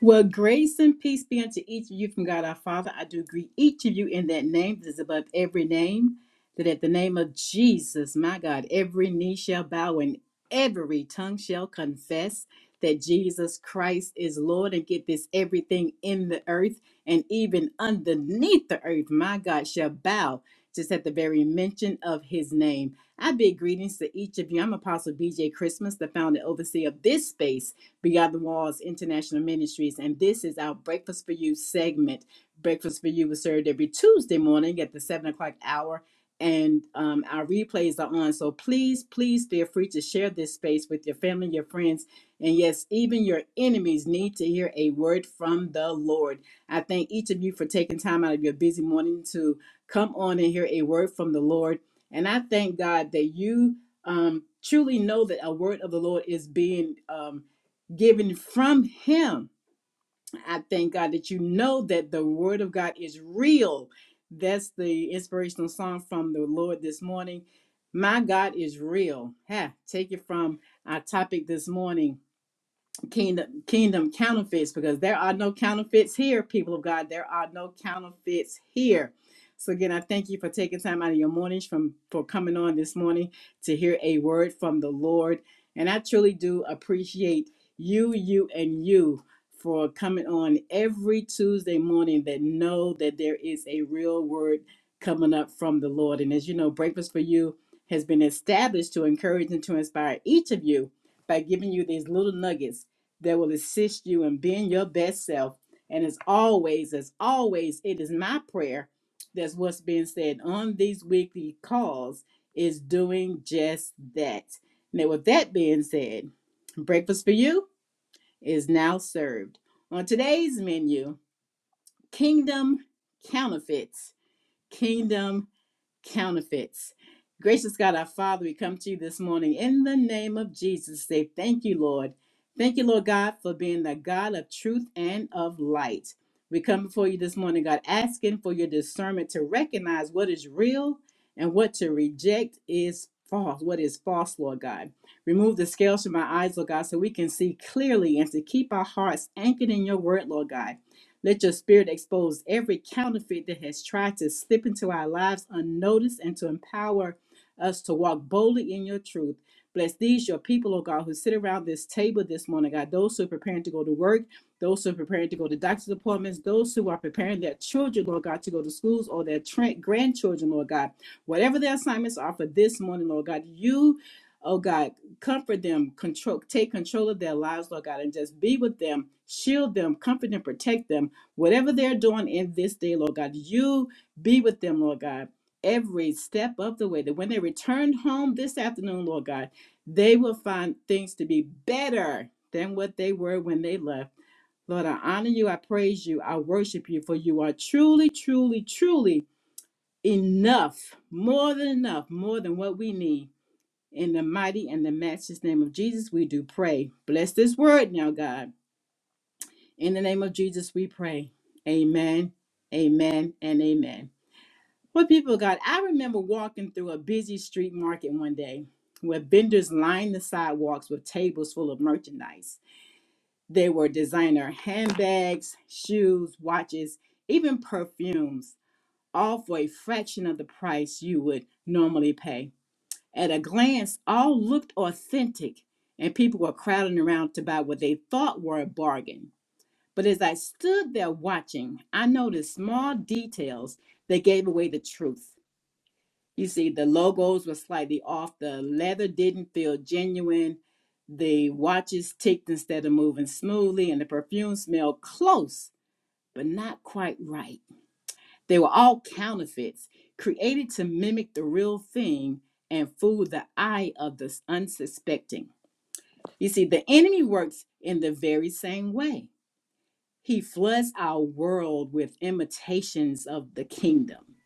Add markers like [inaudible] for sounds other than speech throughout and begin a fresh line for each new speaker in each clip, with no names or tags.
Well, grace and peace be unto each of you from God our Father. I do greet each of you in that name that is above every name, that at the name of Jesus, my God, every knee shall bow and every tongue shall confess that Jesus Christ is Lord. And get this everything in the earth and even underneath the earth, my God, shall bow just at the very mention of his name. I bid greetings to each of you. I'm Apostle BJ Christmas, the founder and overseer of this space Beyond the Walls International Ministries. And this is our Breakfast for You segment. Breakfast for You is served every Tuesday morning at the 7 o'clock hour. And um, our replays are on. So please, please feel free to share this space with your family, your friends, and yes, even your enemies need to hear a word from the Lord. I thank each of you for taking time out of your busy morning to come on and hear a word from the Lord. And I thank God that you um, truly know that a word of the Lord is being um, given from him. I thank God that you know that the word of God is real. That's the inspirational song from the Lord this morning. My God is real. Ha, take it from our topic this morning kingdom kingdom counterfeits because there are no counterfeits here people of god there are no counterfeits here so again i thank you for taking time out of your mornings from for coming on this morning to hear a word from the lord and i truly do appreciate you you and you for coming on every tuesday morning that know that there is a real word coming up from the lord and as you know breakfast for you has been established to encourage and to inspire each of you by giving you these little nuggets that will assist you in being your best self. And as always, as always, it is my prayer that's what's being said on these weekly calls is doing just that. Now, with that being said, breakfast for you is now served. On today's menu, kingdom counterfeits, kingdom counterfeits. Gracious God, our Father, we come to you this morning in the name of Jesus. Say thank you, Lord. Thank you, Lord God, for being the God of truth and of light. We come before you this morning, God, asking for your discernment to recognize what is real and what to reject is false, what is false, Lord God. Remove the scales from our eyes, Lord God, so we can see clearly and to keep our hearts anchored in your word, Lord God. Let your spirit expose every counterfeit that has tried to slip into our lives unnoticed and to empower us to walk boldly in your truth. Bless these, your people, oh God, who sit around this table this morning, God, those who are preparing to go to work, those who are preparing to go to doctor's appointments, those who are preparing their children, Lord God, to go to schools or their tra- grandchildren, Lord God. Whatever their assignments are for this morning, Lord God, you, oh God, comfort them, control, take control of their lives, Lord God, and just be with them, shield them, comfort and protect them Whatever they're doing in this day, Lord God, you be with them, Lord God, every step of the way. That when they return home this afternoon, Lord God, they will find things to be better than what they were when they left. Lord, I honor you, I praise you, I worship you, for you are truly, truly, truly enough, more than enough, more than what we need. In the mighty and the matchless name of Jesus, we do pray. Bless this word now, God. In the name of Jesus, we pray. Amen, amen, and amen. Well, people of God, I remember walking through a busy street market one day where vendors lined the sidewalks with tables full of merchandise. They were designer handbags, shoes, watches, even perfumes, all for a fraction of the price you would normally pay. At a glance, all looked authentic, and people were crowding around to buy what they thought were a bargain. But as I stood there watching, I noticed small details that gave away the truth. You see, the logos were slightly off, the leather didn't feel genuine, the watches ticked instead of moving smoothly, and the perfume smelled close, but not quite right. They were all counterfeits, created to mimic the real thing and fool the eye of the unsuspecting. You see, the enemy works in the very same way. He floods our world with imitations of the kingdom.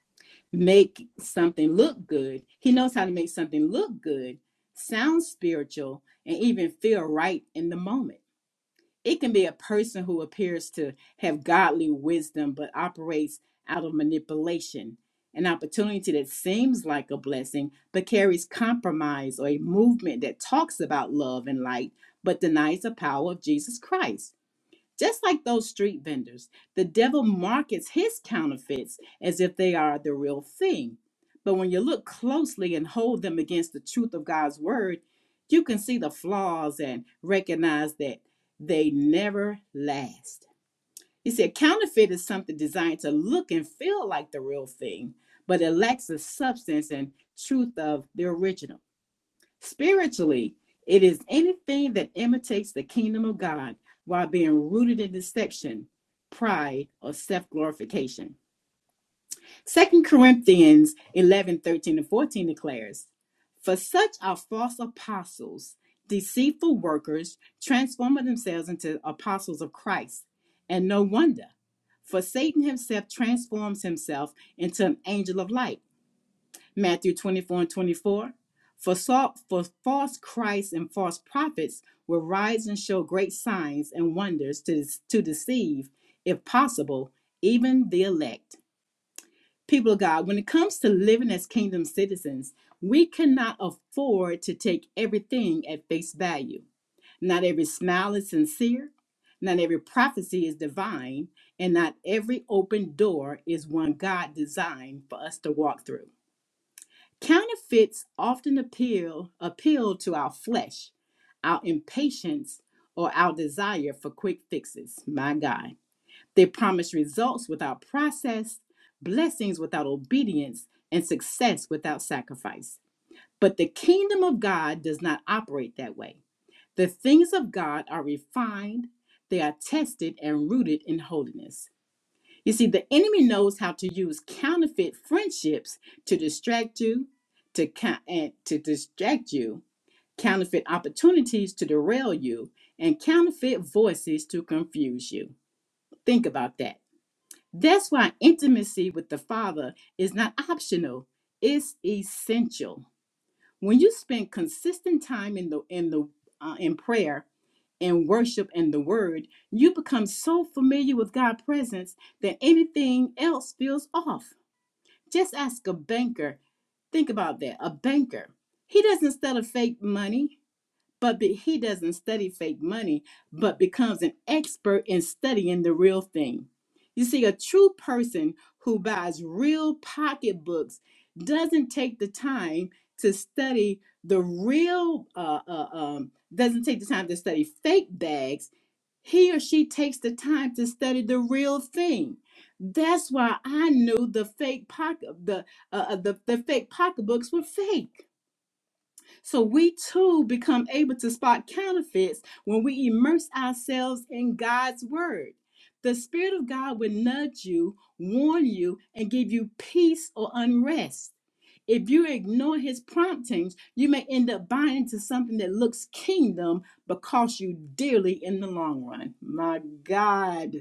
Make something look good. He knows how to make something look good, sound spiritual, and even feel right in the moment. It can be a person who appears to have godly wisdom but operates out of manipulation, an opportunity that seems like a blessing but carries compromise or a movement that talks about love and light but denies the power of Jesus Christ. Just like those street vendors, the devil markets his counterfeits as if they are the real thing. But when you look closely and hold them against the truth of God's word, you can see the flaws and recognize that they never last. He said, counterfeit is something designed to look and feel like the real thing, but it lacks the substance and truth of the original. Spiritually, it is anything that imitates the kingdom of God while being rooted in deception, pride, or self glorification. Second Corinthians 11 13 and 14 declares, For such are false apostles, deceitful workers, transforming themselves into apostles of Christ. And no wonder, for Satan himself transforms himself into an angel of light. Matthew 24 and 24. For, so, for false Christs and false prophets will rise and show great signs and wonders to, to deceive, if possible, even the elect. People of God, when it comes to living as kingdom citizens, we cannot afford to take everything at face value. Not every smile is sincere, not every prophecy is divine, and not every open door is one God designed for us to walk through. Counterfeits often appeal appeal to our flesh, our impatience, or our desire for quick fixes. My God. They promise results without process, blessings without obedience, and success without sacrifice. But the kingdom of God does not operate that way. The things of God are refined, they are tested and rooted in holiness. You see, the enemy knows how to use counterfeit friendships to distract you, to co- and to distract you, counterfeit opportunities to derail you, and counterfeit voices to confuse you. Think about that. That's why intimacy with the Father is not optional; it's essential. When you spend consistent time in the in the uh, in prayer and worship and the word, you become so familiar with God's presence that anything else feels off. Just ask a banker. Think about that. A banker. He doesn't sell a fake money. But be, he doesn't study fake money, but becomes an expert in studying the real thing. You see, a true person who buys real pocketbooks doesn't take the time to study the real, uh, uh, um, doesn't take the time to study fake bags he or she takes the time to study the real thing. That's why I knew the fake pocket the uh, uh, the, the fake pocketbooks were fake so we too become able to spot counterfeits when we immerse ourselves in God's word. The Spirit of God will nudge you, warn you, and give you peace or unrest. If you ignore his promptings, you may end up buying into something that looks kingdom but costs you dearly in the long run. My God.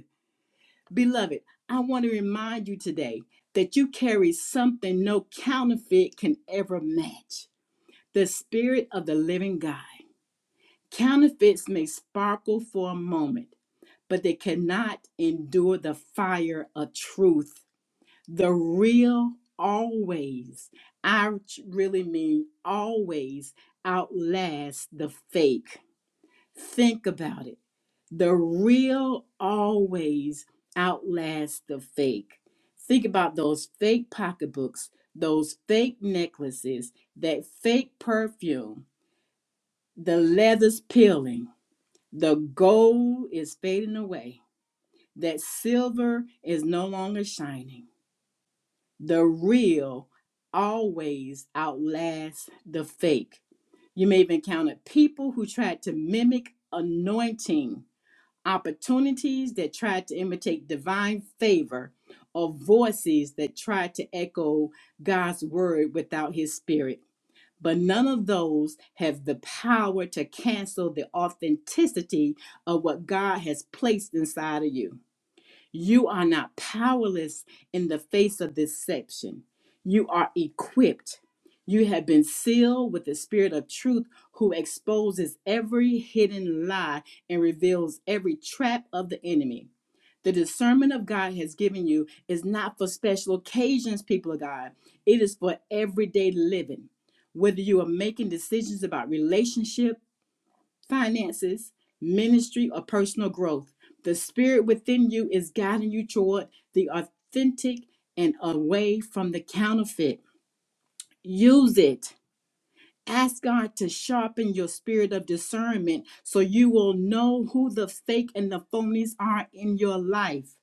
Beloved, I want to remind you today that you carry something no counterfeit can ever match. The Spirit of the living God. Counterfeits may sparkle for a moment, but they cannot endure the fire of truth. The real always, I really mean always, outlasts the fake. Think about it. The real always outlasts the fake. Think about those fake pocketbooks, those fake necklaces, that fake perfume the leather's peeling, the gold is fading away, that silver is no longer shining. The real always outlasts the fake. You may have encountered people who tried to mimic anointing, opportunities that tried to imitate divine favor, or voices that tried to echo God's word without his spirit but none of those have the power to cancel the authenticity of what God has placed inside of you. You are not powerless in the face of deception. You are equipped. You have been sealed with the spirit of truth who exposes every hidden lie and reveals every trap of the enemy. The discernment of God has given you is not for special occasions, people of God. It is for everyday living. Whether you are making decisions about relationships, finances, ministry, or personal growth. The spirit within you is guiding you toward the authentic and away from the counterfeit. Use it. Ask God to sharpen your spirit of discernment so you will know who the fake and the phonies are in your life.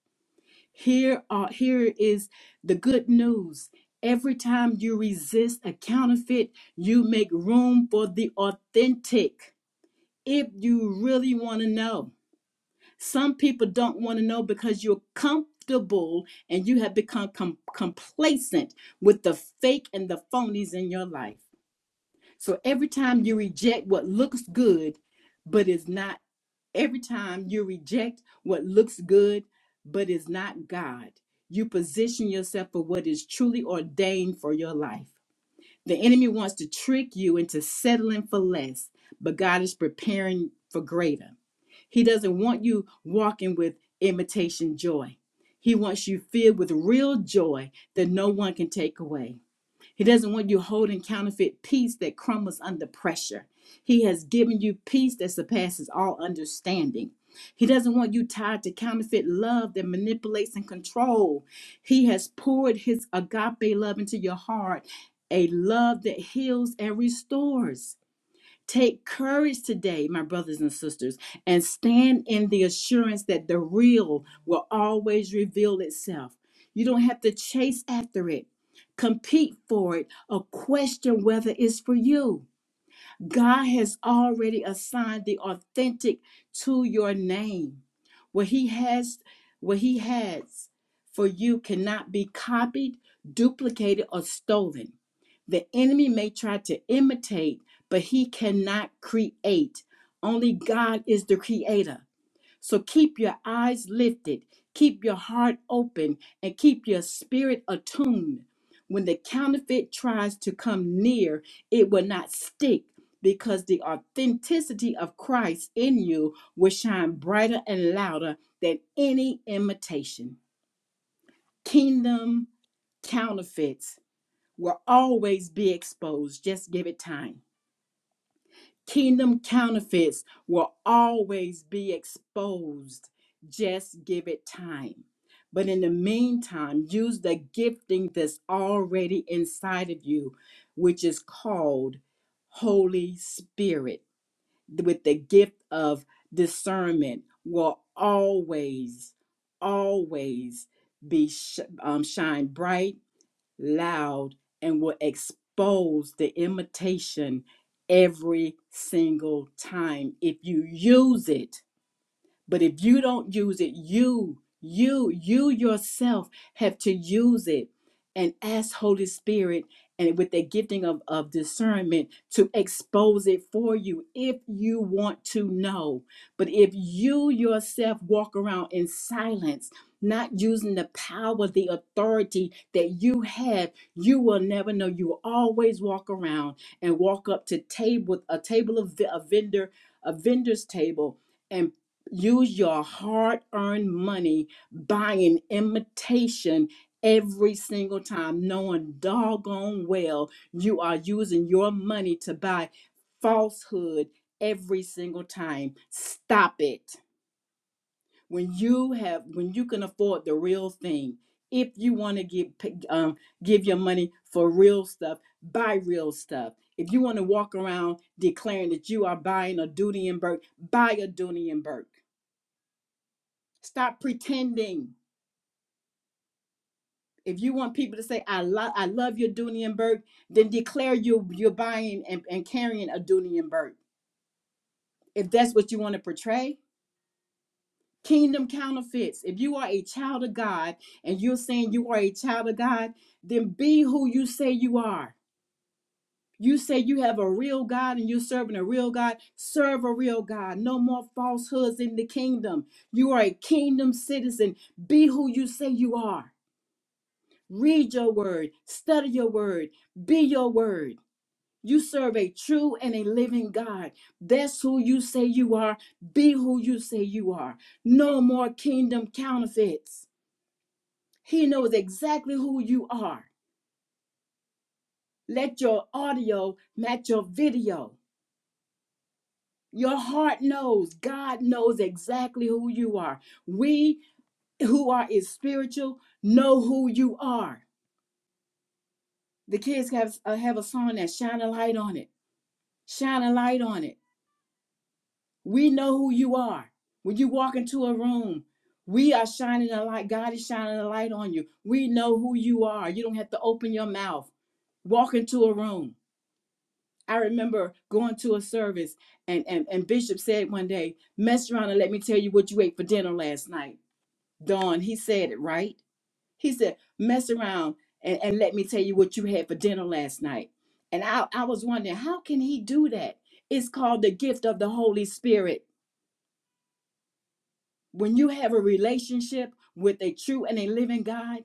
Here are here is the good news. Every time you resist a counterfeit, you make room for the authentic if you really want to know. Some people don't want to know because you're comfortable and you have become com- complacent with the fake and the phonies in your life. So every time you reject what looks good but is not, every time you reject what looks good but is not God, you position yourself for what is truly ordained for your life. The enemy wants to trick you into settling for less, but God is preparing for greater. He doesn't want you walking with imitation joy. He wants you filled with real joy that no one can take away. He doesn't want you holding counterfeit peace that crumbles under pressure. He has given you peace that surpasses all understanding. He doesn't want you tied to counterfeit love that manipulates and control. He has poured his agape love into your heart, a love that heals and restores. Take courage today, my brothers and sisters, and stand in the assurance that the real will always reveal itself. You don't have to chase after it, compete for it, or question whether it's for you. God has already assigned the authentic to your name. What he has, what he has for you cannot be copied, duplicated, or stolen. The enemy may try to imitate, but he cannot create. Only God is the creator. So keep your eyes lifted, keep your heart open, and keep your spirit attuned. When the counterfeit tries to come near, it will not stick because the authenticity of Christ in you will shine brighter and louder than any imitation. Kingdom counterfeits will always be exposed. Just give it time. Kingdom counterfeits will always be exposed. Just give it time. But in the meantime, use the gifting that's already inside of you, which is called Holy Spirit, with the gift of discernment, will always, always be sh- um, shine bright loud, and will expose the imitation every single time if you use it but if you don't use it, you, you, you yourself have to use it and ask Holy Spirit and with the gifting of, of discernment to expose it for you if you want to know. But if you yourself walk around in silence, not using the power, the authority that you have, you will never know. You will always walk around and walk up to table, a table of a vendor, a vendor's table and. Use your hard earned money buying imitation every single time, knowing doggone well you are using your money to buy falsehood every single time. Stop it. When you have, when you can afford the real thing, if you want to give um, give your money for real stuff, buy real stuff. If you want to walk around declaring that you are buying a Dooney and Burke, buy a Dooney and Burke Stop pretending. If you want people to say, I, lo- I love your Dunienberg, then declare you, you're buying and, and carrying a Dunienberg. If that's what you want to portray, kingdom counterfeits. If you are a child of God and you're saying you are a child of God, then be who you say you are. You say you have a real God and you're serving a real God, serve a real God. No more falsehoods in the kingdom. You are a kingdom citizen. Be who you say you are. Read your word, study your word, be your word. You serve a true and a living God. That's who you say you are. Be who you say you are. No more kingdom counterfeits. He knows exactly who you are. Let your audio match your video. Your heart knows, God knows exactly who you are. We who are is spiritual know who you are. The kids have, uh, have a song that shine a light on it. Shine a light on it We know who you are. When you walk into a room, we are shining a light. God is shining a light on you. We know who you are. You don't have to open your mouth. Walk into a room. I remember going to a service, and, and, and Bishop said one day, Mess around and let me tell you what you ate for dinner last night. Dawn, he said it right. He said, Mess around and, and let me tell you what you had for dinner last night. And I, I was wondering, how can he do that? It's called the gift of the Holy Spirit When you have a relationship with a true and a living God,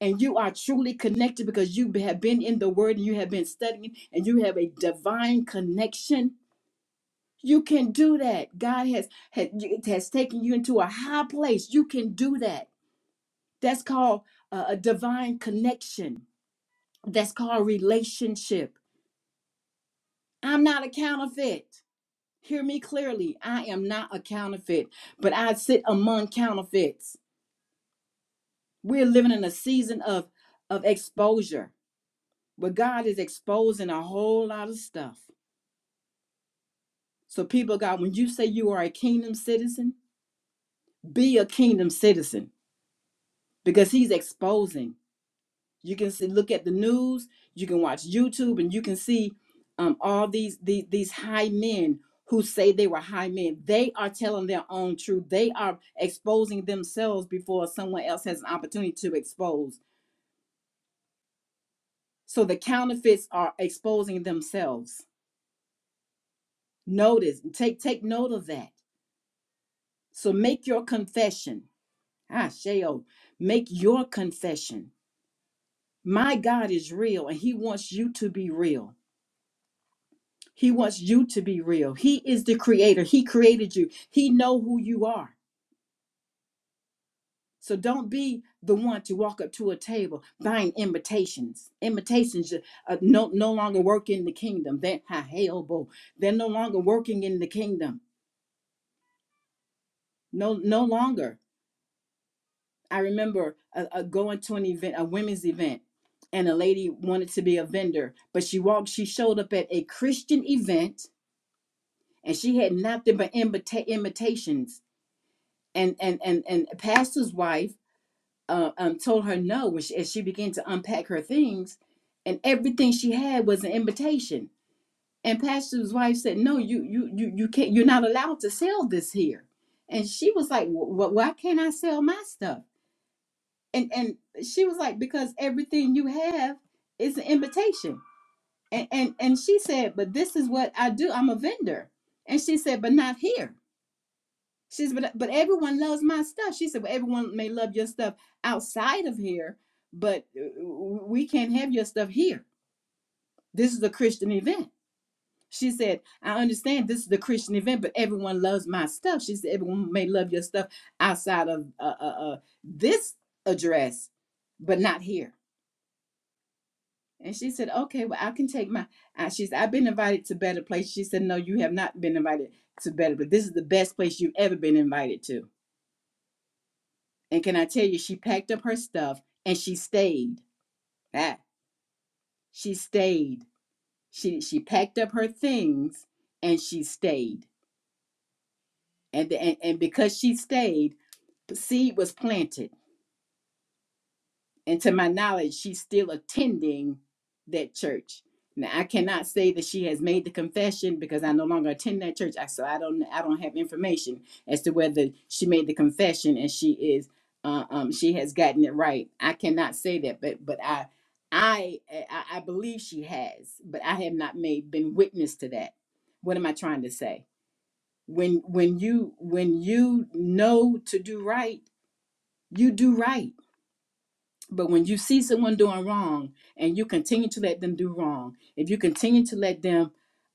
and you are truly connected because you have been in the Word and you have been studying and you have a divine connection, you can do that. God has has, has taken you into a high place. You can do that. That's called uh, a divine connection. That's called relationship. I'm not a counterfeit. Hear me clearly. I am not a counterfeit, but I sit among counterfeits. We're living in a season of of exposure where God is exposing a whole lot of stuff. So people of God, when you say you are a kingdom citizen, be a kingdom citizen because he's exposing. You can see, look at the news, you can watch YouTube and you can see um, all these, these these high men who say they were high men. They are telling their own truth. They are exposing themselves before someone else has an opportunity to expose. So the counterfeits are exposing themselves Notice, take take note of that. So make your confession. Ah, Sheo, make your confession. My God is real and he wants you to be real. He wants you to be real. He is the creator. He created you. He know who you are. So don't be the one to walk up to a table buying imitations. Imitations uh, no no longer work in the kingdom. They ha, hey, oh, boy. they're no longer working in the kingdom. No no longer. I remember uh uh going to an event, a women's event, and a lady wanted to be a vendor, but she walked, she showed up at a Christian event, and she had nothing but imita- invitations. And and and and pastor's wife uh, um told her no when she, as she began to unpack her things, and everything she had was an invitation. And pastor's wife said, "No, you you you you can't. You're not allowed to sell this here." And she was like, "Wh- "Why can't I sell my stuff?" and and she was like because everything you have is an invitation and and and she said but this is what i do i'm a vendor and she said but not here she said but, but everyone loves my stuff she said well everyone may love your stuff outside of here but uh, we can't have your stuff here this is a christian event she said i understand this is the christian event but everyone loves my stuff she said everyone may love your stuff outside of uh, uh, uh, this address but not here And she said, okay, well, I can take my. Uh, she said, I've been invited to better place. She said, no, you have not been invited to better, but this is the best place you've ever been invited to. And can I tell you, she packed up her stuff and she stayed. Ah, she stayed. She she packed up her things and she stayed. And, and and because she stayed, the seed was planted. And to my knowledge, she's still attending that church. Now I cannot say that she has made the confession because I no longer attend that church. I so I don't I don't have information as to whether she made the confession and she is uh, um she has gotten it right. I cannot say that, but but I I I I believe she has, but I have not made been witness to that. What am I trying to say? When when you when you know to do right, you do right but when you see someone doing wrong and you continue to let them do wrong, if you continue to let them,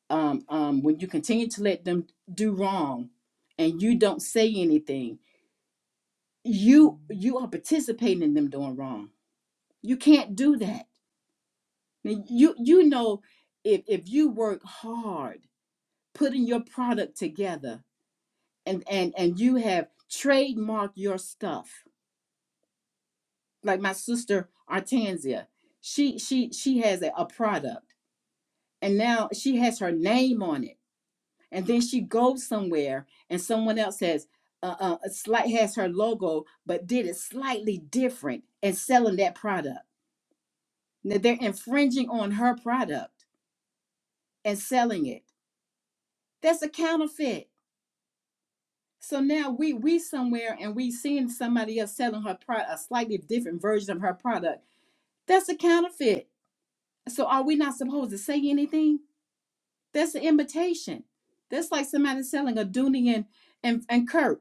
um, um, when you continue to let them do wrong and you don't say anything, you you are participating in them doing wrong. You can't do that. Now, You you know if if you work hard putting your product together and and and you have trademarked your stuff, like my sister Artanzia, she she she has a a product and now she has her name on it and then she goes somewhere and someone else has uh, uh a slight has her logo but did it slightly different and selling that product now they're infringing on her product and selling it that's a counterfeit so now we we somewhere and we seeing somebody else selling her product a slightly different version of her product that's a counterfeit so are we not supposed to say anything that's an imitation that's like somebody selling a dooney and and, and kirk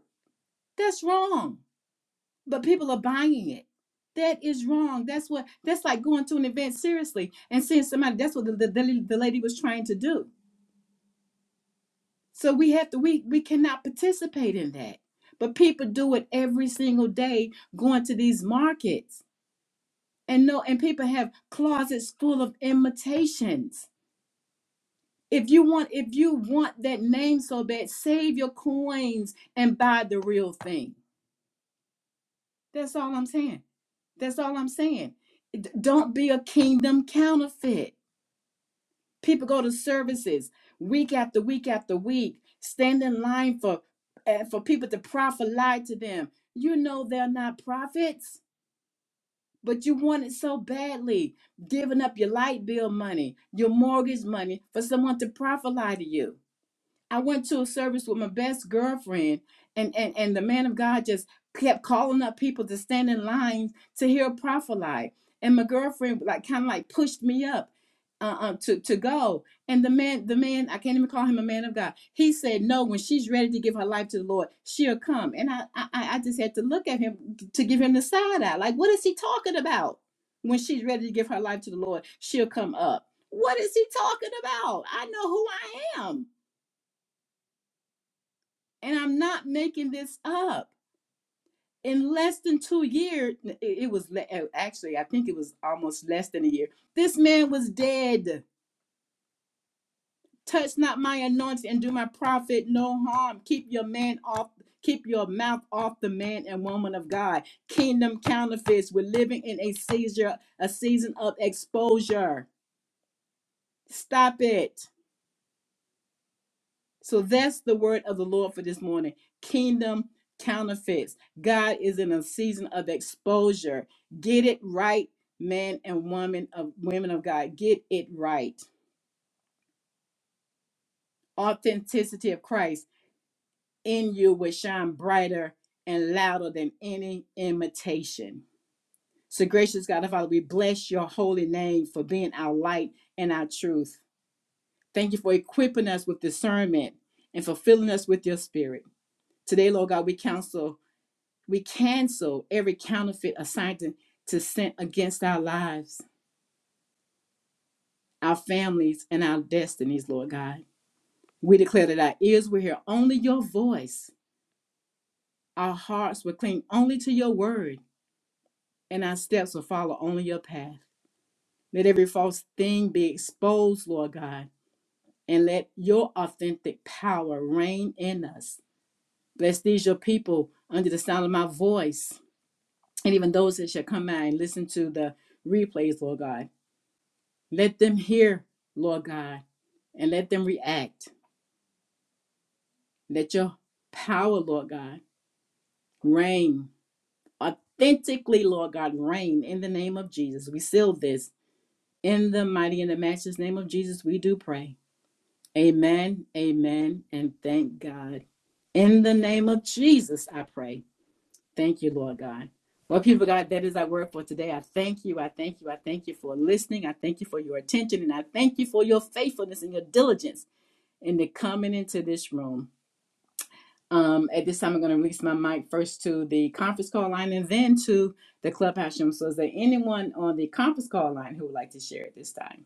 That's wrong. But people are buying it. That is wrong. That's what that's like going to an event seriously and seeing somebody. That's what the, the, the lady was trying to do. So we have to we we cannot participate in that. But people do it every single day going to these markets. And no and people have closets full of imitations. If you want if you want that name so bad, save your coins and buy the real thing That's all I'm saying. That's all I'm saying. D- Don't be a kingdom counterfeit. People go to services week after week after week, stand in line for uh, for people to profit lie to them. You know they're not prophets, but you want it so badly, giving up your light bill money, your mortgage money for someone to profit lie to you. I went to a service with my best girlfriend, and and and the man of God just kept calling up people to stand in line to hear a prophet. like, And my girlfriend like kind of like pushed me up uh, uh to to go. And the man, the man, I can't even call him a man of God. He said no. When she's ready to give her life to the Lord, she'll come. And I I, I just had to look at him to give him the side eye. Like, what is he talking about? When she's ready to give her life to the Lord, she'll come up. What is he talking about? I know who I am and I'm not making this up. In less than two years, it was uh, actually, I think it was almost less than a year. This man was dead. Touch not my anointing and do my prophet no harm. Keep your man off, keep your mouth off the man and woman of God. Kingdom counterfeits. We're living in a seizure, a season of exposure. Stop it. So that's the word of the Lord for this morning. Kingdom counterfeits. God is in a season of exposure. Get it right, men and women of women of God. Get it right. Authenticity of Christ in you will shine brighter and louder than any imitation. So gracious God, our Father, we bless your holy name for being our light and our truth. Thank you for equipping us with discernment and fulfilling us with your spirit. Today, Lord God, we counsel We cancel every counterfeit assignment to sent against our lives, our families, and our destinies, Lord God. We declare that our ears will hear only your voice, our hearts will cling only to your word, and our steps will follow only your path. Let every false thing be exposed, Lord God, and let your authentic power reign in us. Bless these your people under the sound of my voice, and even those that shall come out and listen to the replays, Lord God. Let them hear, Lord God, and let them react. Let your power, Lord God, reign authentically, Lord God, reign in the name of Jesus. We seal this in the mighty and the matchless name of Jesus. We do pray. Amen, amen, and thank God. In the name of Jesus, I pray. Thank you, Lord God. Well, people, God, that is our word for today. I thank you. I thank you. I thank you for listening. I thank you for your attention. And I thank you for your faithfulness and your diligence and they're coming into this room. Um, at this time, I'm going to release my mic first to the conference call line and then to the clubhouse room. So, is there anyone on the conference call line who would like to share at this time?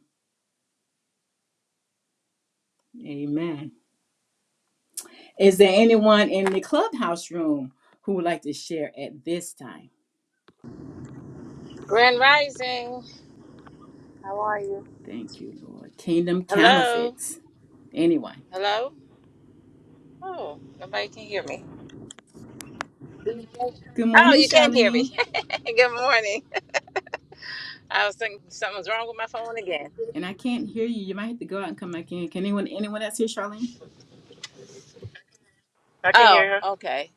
Amen. Is there anyone in the clubhouse room who would like to share at this time?
Grand Rising.
Thank you, Lord. Kingdom
Hello.
counterfeits. Anyone?
Hello. Oh, nobody can hear me.
Good
Oh,
morning,
you can hear me.
Charlene.
[laughs] Good morning. I was thinking something's wrong with my phone again.
And I can't hear you. You might have to go out and come back in. Can anyone anyone else hear Charlene?
I can
Oh,
hear her.
okay.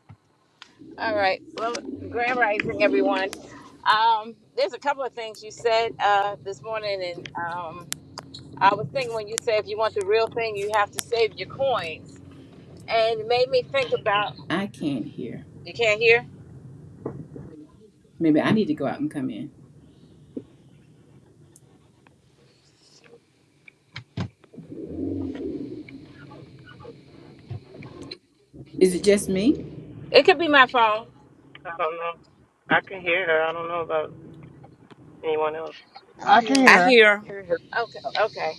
All right. Well, Grand Rising, everyone. Um, there's a couple of things you said uh, this morning, and um, I was thinking when you said if you want the real thing, you have to save your coins, and it made me think about.
I can't hear.
You can't hear?
Maybe I need to go out and come in. Is it just me?
It could be my phone.
I don't know. I can hear her. I don't know about anyone else.
I
I can
hear 'em.
hear.
I
her.
hear.
hear her.
Okay. Okay.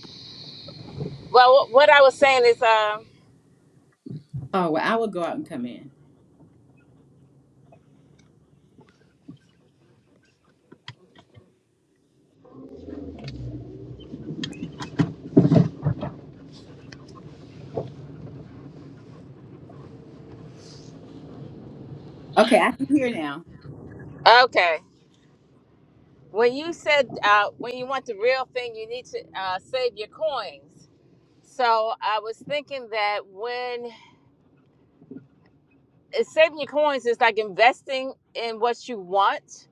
Well, wh- what I was saying is, um,
Oh, well, I will go out and come in. Okay, I can hear now.
okay. when you said uh, when you want the real thing, you need to uh, save your coins. So I was thinking that when uh, saving your coins is like investing in what you want,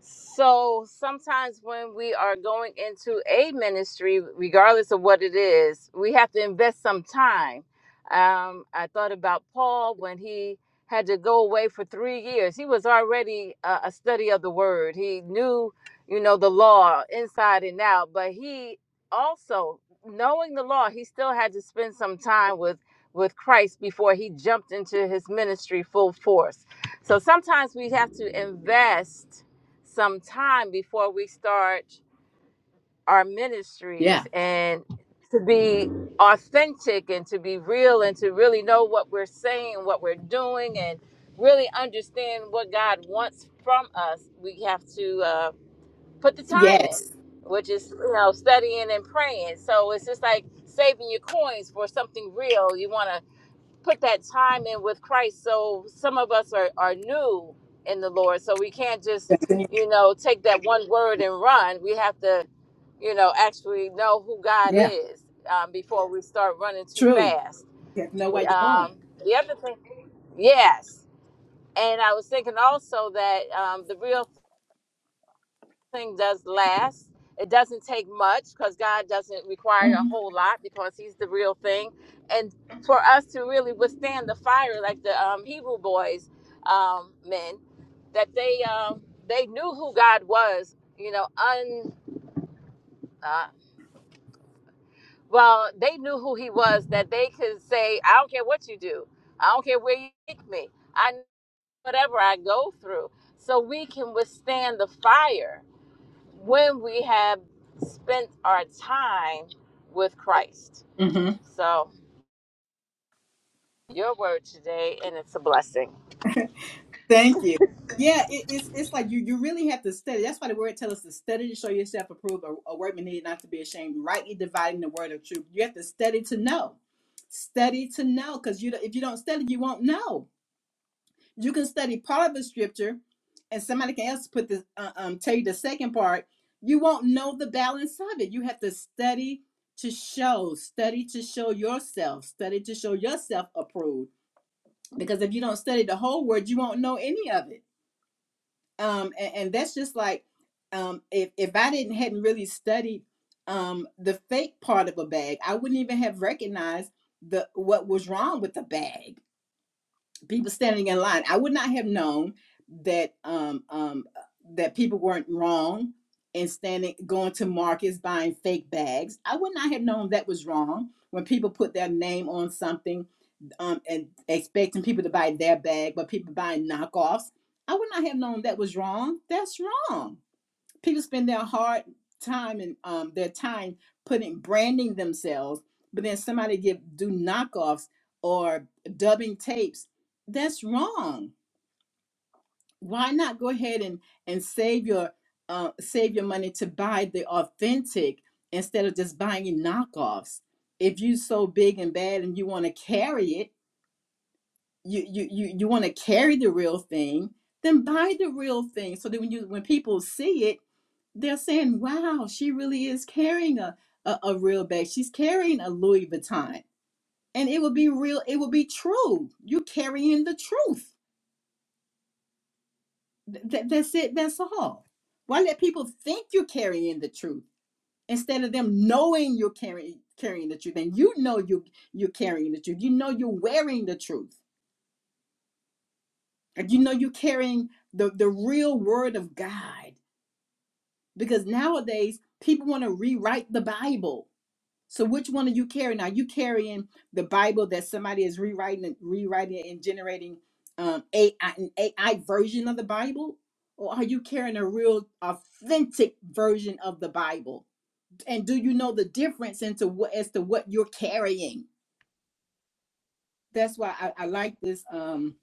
so sometimes when we are going into a ministry, regardless of what it is, we have to invest some time. Um, I thought about Paul when he had to go away for three years. He was already a, a study of the word. He knew, you know, the law inside and out. But he also, knowing the law, he still had to spend some time with with Christ before he jumped into his ministry full force. So sometimes we have to invest some time before we start our
Yeah.
ministries and to be authentic and to be real and to really know what we're saying, what we're doing, and really understand what God wants from us, we have to uh, put the time in,
Yes.
which is, you know, studying and praying. So it's just like saving your coins for something real. You want to put that time in with Christ. So some of us are, are new in the Lord. So we can't just, you know, take that one word and run. We have to, you know, actually know who God
Yeah.
is um, before we start running too
True.
fast.
You have to know where you're going.
Um, the other thing, yes. And I was thinking also that um, the real thing does last. It doesn't take much because God doesn't require a
hmm
whole lot because He's the real thing. And for us to really withstand the fire, like the um, Hebrew boys, um, men, that they um, they knew who God was. You know, un uh, well, they knew who He was. That they could say, "I don't care what you do. I don't care where you take me. I know whatever I go through." So we can withstand the fire when we have spent our time with Christ.
hmm
So, your word today, and it's a blessing.
Thank you. Yeah, it, it's it's like you you really have to study. That's why the word tells us to study to show yourself approved, a, a workman needed not to be ashamed, rightly dividing the word of truth. You have to study to know. Study to know, because you don't- if you don't study, you won't know. You can study part of the scripture, and somebody can else put the uh, um tell you the second part. You won't know the balance of it. You have to study to show, study to show yourself, study to show yourself approved. Because if you don't study the whole word, you won't know any of it. Um, and, and that's just like um, if if I didn't hadn't really studied um the fake part of a bag, I wouldn't even have recognized the what was wrong with the bag people standing in line. I would not have known that um, um, uh, that people weren't wrong in standing going to markets buying fake bags. I would not have known that was wrong when people put their name on something um, and expecting people to buy their bag, but people buying knockoffs. I would not have known that was wrong. That's wrong people spend their hard time and um, their time putting branding themselves, but then somebody give do knockoffs or dubbing tapes. That's wrong. Why not go ahead and and save your uh, save your money to buy the authentic instead of just buying knockoffs? If you are so big and bad and you want to carry it, you you you, you want to carry the real thing, then buy the real thing. So that when you when people see it they're saying, wow, she really is carrying a, a, a real bag. She's carrying a Louis Vuitton. And it will be real, it will be true. You're carrying the truth. Th- th- that's it, that's all. Why let people think you're carrying the truth instead of them knowing you're carrying carrying the truth? And you know you you're carrying the truth. You know you're wearing the truth. And you know you're carrying the, the real word of God. Because nowadays people want to rewrite the Bible So which one are you carrying? Are you carrying the Bible that somebody is rewriting, and rewriting it and generating um, AI, an AI version of the Bible, or are you carrying a real, authentic version of the Bible? And do you know the difference into what as to what you're carrying? That's why I, I like this. Um,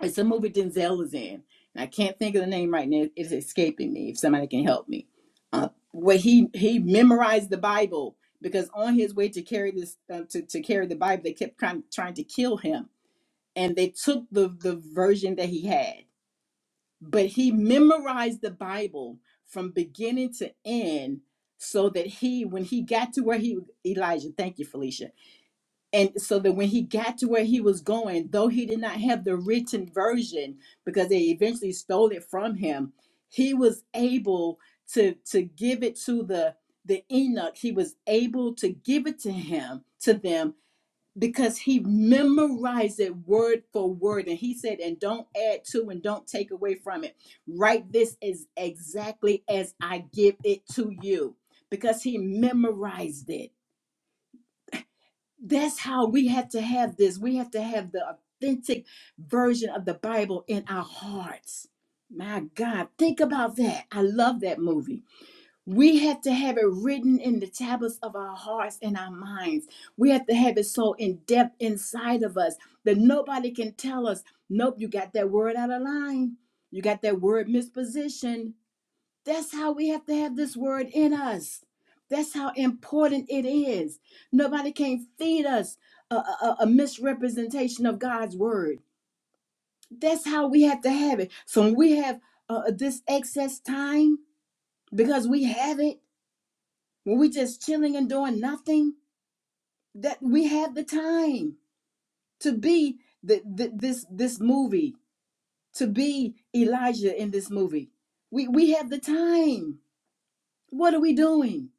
it's a movie Denzel is in, and I can't think of the name right now. It's escaping me. If somebody can help me, uh, where he he memorized the Bible because on his way to carry this uh, to to carry the Bible, they kept trying trying to kill him, and they took the the version that he had, but he memorized the Bible from beginning to end, so that he when he got to where he Elijah, thank you, Felicia and so that when he got to where he was going though he did not have the written version because they eventually stole it from him he was able to to give it to the the enoch he was able to give it to him to them because he memorized it word for word and he said and don't add to and don't take away from it write this is exactly as i give it to you because he memorized it that's how we have to have this. We have to have the authentic version of the Bible in our hearts. My God, think about that. I love that movie. We have to have it written in the tablets of our hearts and our minds. We have to have it so in depth inside of us that nobody can tell us, nope, you got that word out of line. You got that word mispositioned. That's how we have to have this word in us. That's how important it is. Nobody can feed us a, a- a misrepresentation of God's word. That's how we have to have it. So when we have uh, uh, this excess time because we have it, when we are just chilling and doing nothing, that we have the time to be the, the, this this movie, to be Elijah in this movie. We we have the time. What are we doing?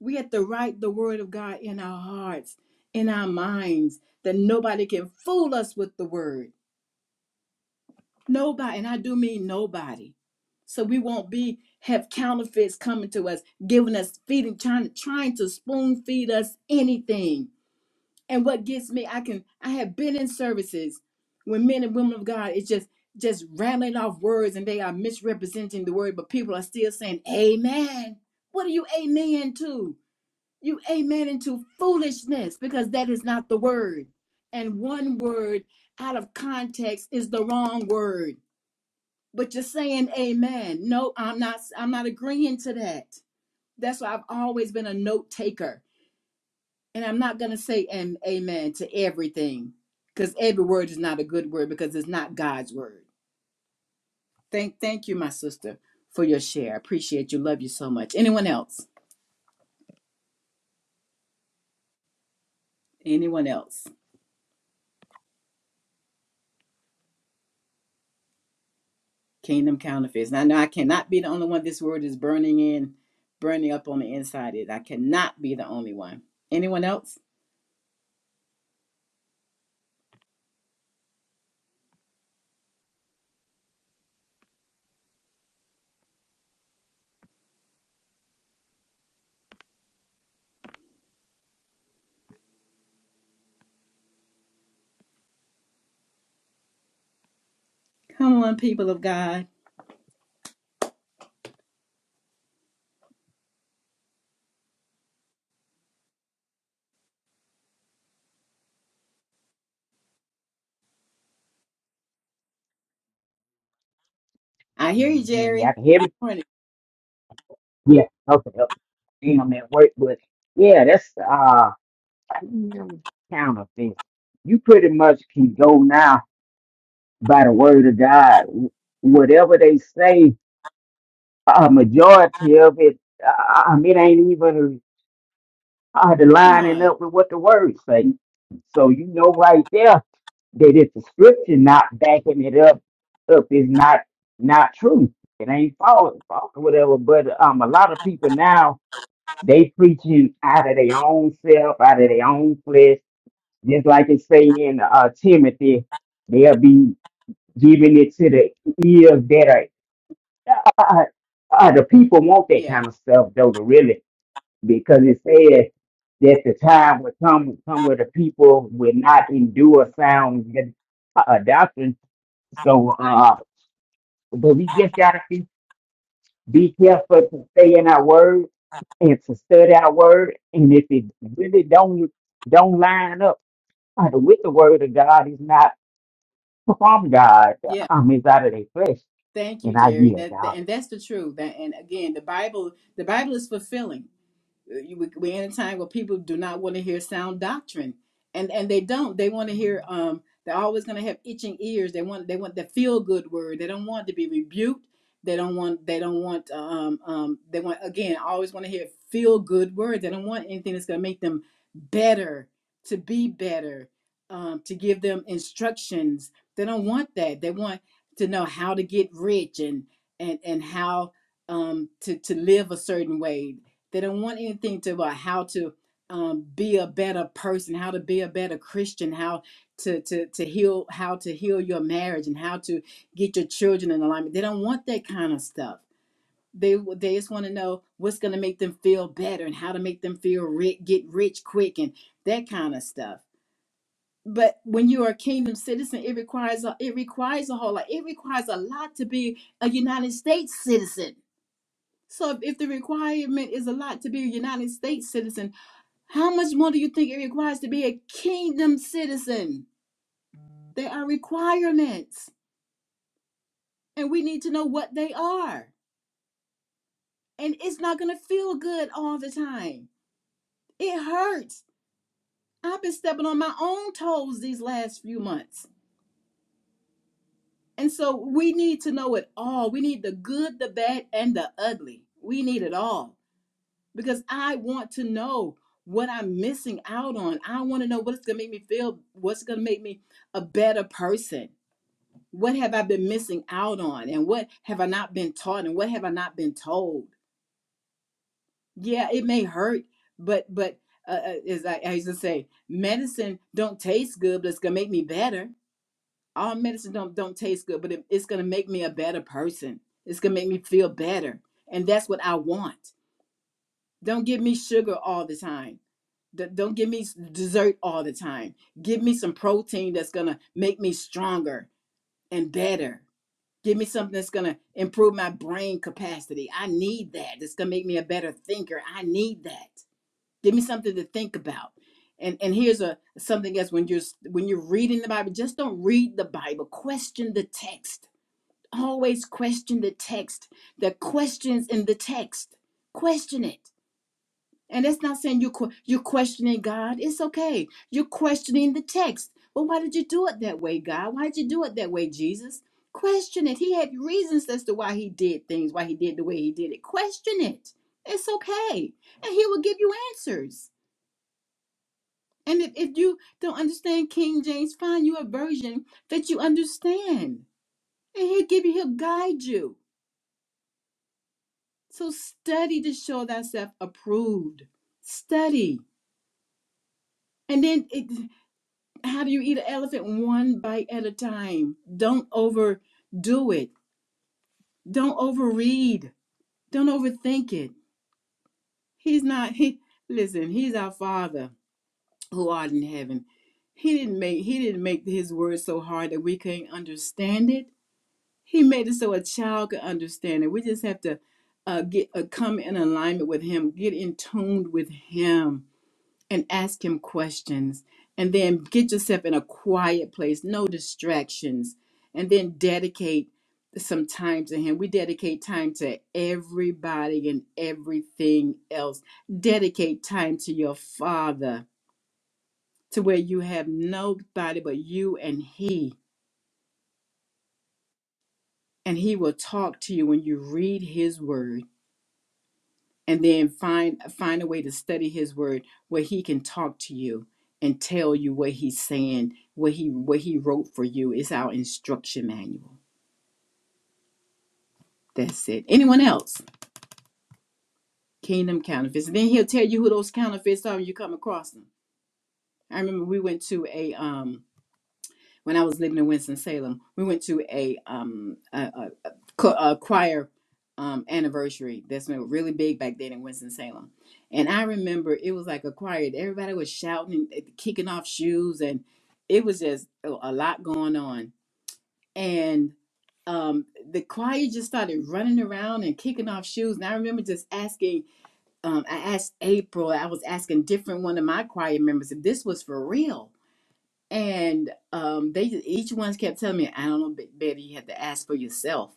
We have to write the word of God in our hearts, in our minds, that nobody can fool us with the word. Nobody, and I do mean nobody. So we won't be have counterfeits coming to us, giving us feeding, trying trying to spoon feed us anything. And what gets me, I can I have been in services when men and women of God it's just just rattling off words and they are misrepresenting the word, but people are still saying, Amen. What are you amen to? You amen into foolishness because that is not the word. And one word out of context is the wrong word. But you're saying amen. No, I'm not I'm not agreeing to that. That's why I've always been a note taker. And I'm not gonna say am- amen to everything. Because every word is not a good word because it's not God's word. Thank thank you, my sister, for your share. I appreciate you. Love you so much. Anyone else? Anyone else? Kingdom counterfeits. And I know I cannot be the only one this word is burning in, burning up on the inside. It I cannot be the only one. Anyone else? Come on, people of God. I hear you,
Mm, Y'all
Jerry.
can hear
Good
me?
morning.
Yeah. Okay. okay. Damn, I'm at work, but yeah, that's uh counterfeit. You pretty much can go now by the word of God. Wh- Whatever they say, a majority of it, uh, um, it ain't even uh, the
Come
lining
on.
up with what the word say. So you know right there that if the scripture not backing it up, up is not not true. It ain't false, false or whatever. But um, a lot of people now They preaching out of their own self, out of their own flesh, just like it say in uh, Timothy. They'll be giving it to the ears that are. Uh, uh, uh, the people want that
Yeah.
kind of stuff though, to really, because it says that the time will come, come where the people will not endure sound uh, doctrine. So, uh, but we just gotta Be careful to stay in our word and to study our word. And if it really don't don't line up uh, with the word of God, it's not from God.
Yeah.
Um, it's out of their flesh.
Thank you,
And I
Jerry.
yield.
That,
y'all.
that and that's the truth. That and again, the Bible, the Bible is fulfilling. We're in a time where people do not want to hear sound doctrine, and and they don't. They want to hear. Um, they're always going to have itching ears. They want they want the feel good word. They don't want to be rebuked. They don't want they don't want um um they want again always want to hear feel good words. They don't want anything that's going to make them better to be better um, to give them instructions. They don't want that. They want to know how to get rich and and and how um, to to live a certain way. They don't want anything to about how to um, be a better person, how to be a better Christian, how to, to to heal, how to heal your marriage, and how to get your children in alignment. They don't want that kind of stuff. They they just want to know what's going to make them feel better and how to make them feel rich, get rich quick, and that kind of stuff. But when you are a kingdom citizen, it requires a, it requires a whole lot. It requires a lot to be a United States citizen. So if if the requirement is a lot to be a United States citizen, how much more do you think it requires to be a kingdom citizen? There are requirements, and we need to know what they are. And it's not going to feel good all the time. It hurts. I've been stepping on my own toes these last few months. And so we need to know it all. We need the good, the bad, and the ugly. We need it all because I want to know what I'm missing out on. I want to know what's going to make me feel, what's going to make me a better person What have I been missing out on? And what have I not been taught? And what have I not been told? Yeah, it may hurt, but but uh, uh, as I, I used to say, medicine don't taste good, but it's gonna make me better. All medicine don't don't taste good, but it, it's gonna make me a better person. It's gonna make me feel better, and that's what I want. Don't give me sugar all the time. D- Don't give me s- dessert all the time. Give me some protein that's gonna make me stronger and better Give me something that's going to improve my brain capacity. I need that. That's going to make me a better thinker. I need that. Give me something to think about. And and here's a something else when you're when you're reading the Bible, just don't read the Bible. Question the text. Always question the text. The questions in the text. Question it and that's not saying you que- you're questioning God. It's okay. You're questioning the text. Well, why did you do it that way, God? Why did you do it that way, Jesus? Question it. He had reasons as to why he did things, why he did the way he did it. Question it. It's okay. And he will give you answers. And if, if you don't understand King James, find you a version that you understand. And he'll give you, he'll guide you. So study to show thyself approved. Study. And then it how do you eat an elephant one bite at a time don't overdo it don't overread don't overthink it he's not he listen he's our father who art in heaven he didn't make he didn't make his word so hard that we can't understand it he made it so a child could understand it we just have to uh, get uh, come in alignment with him get in tuned with him and ask him questions and then get yourself in a quiet place no distractions and then dedicate some time to him we dedicate time to everybody and everything else dedicate time to your father to where you have nobody but you and he and he will talk to you when you read his word and then find find a way to study his word where he can talk to you and tell you what he's saying what he what he wrote for you is our instruction manual that's it anyone else kingdom counterfeits and then he'll tell you who those counterfeits are when you come across them i remember we went to a um when I was living in Winston-Salem, we went to a um a, a, a a choir um anniversary. That's been really big back then in Winston-Salem. And I remember it was like a choir. Everybody was shouting and kicking off shoes and it was just a a lot going on. And um the choir just started running around and kicking off shoes. And I remember just asking um I asked April, I was asking different one of my choir members if this was for real and um, they each one's kept telling me, "I don't know, Bet- Betty, you have to ask for yourself."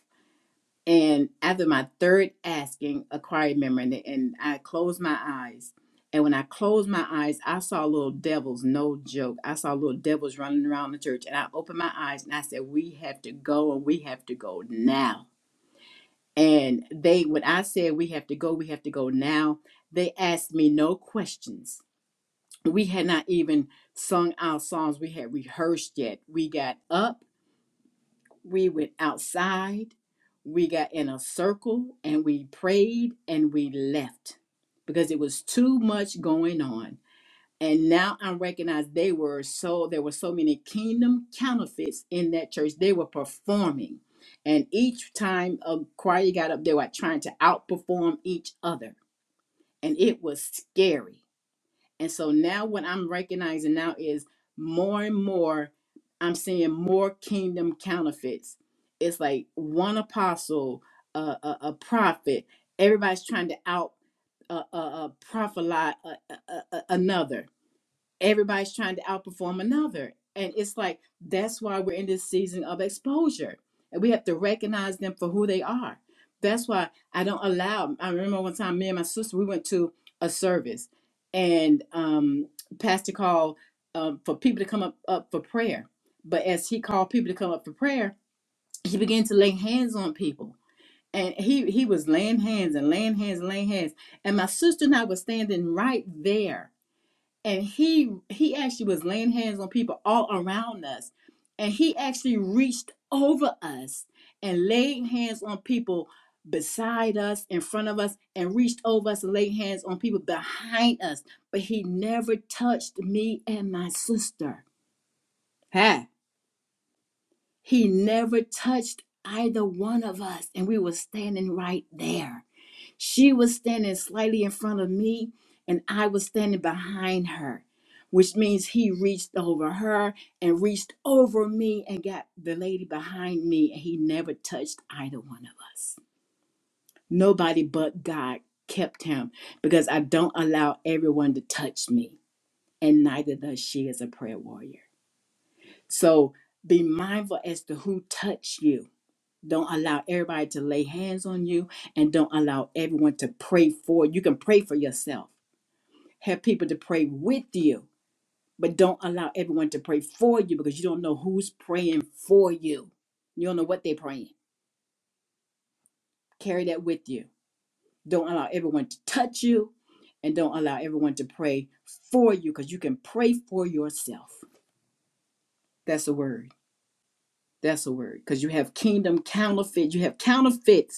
And after my third asking, a choir member and, and I closed my eyes, and when I closed my eyes, I saw little devils, no joke. I saw little devils running around the church, and I opened my eyes and I said, "We have to go, and we have to go now." And they, when I said, "We have to go, we have to go now," they asked me no questions we had not even sung our songs we had rehearsed yet we got up we went outside we got in a circle and we prayed and we left because it was too much going on and now i recognize they were so there were so many kingdom counterfeits in that church they were performing and each time a choir got up they were trying to outperform each other and it was scary and so now what I'm recognizing now is more and more I'm seeing more kingdom counterfeits. It's like one apostle, uh, a, a prophet, everybody's trying to out uh, uh, uh, prophesy uh, uh, uh, another everybody's trying to outperform another. And it's like that's why we're in this season of exposure. And we have to recognize them for who they are. That's why I don't allow I remember one time me and my sister we went to a service and um pastor called um, for people to come up, up for prayer. But as he called people to come up for prayer, he began to lay hands on people. And he he was laying hands and laying hands and laying hands. And my sister and I were standing right there and he he actually was laying hands on people all around us and he actually reached over us and laid hands on people beside us in front of us and reached over us and laid hands on people behind us but he never touched me and my sister hey he never touched either one of us and we were standing right there she was standing slightly in front of me, and I was standing behind her, which means he reached over her and reached over me and got the lady behind me, and he never touched either one of us. Nobody but God kept him because I don't allow everyone to touch me, and neither does she as a prayer warrior. So be mindful as to who touched you don't allow everybody to lay hands on you and don't allow everyone to pray for you. You can pray for yourself. Have people to pray with you, but don't allow everyone to pray for you because you don't know who's praying for you. You don't know what they're praying. Carry that with you. Don't allow everyone to touch you and don't allow everyone to pray for you because you can pray for yourself. That's a word. That's a word because you have kingdom counterfeit. You have counterfeits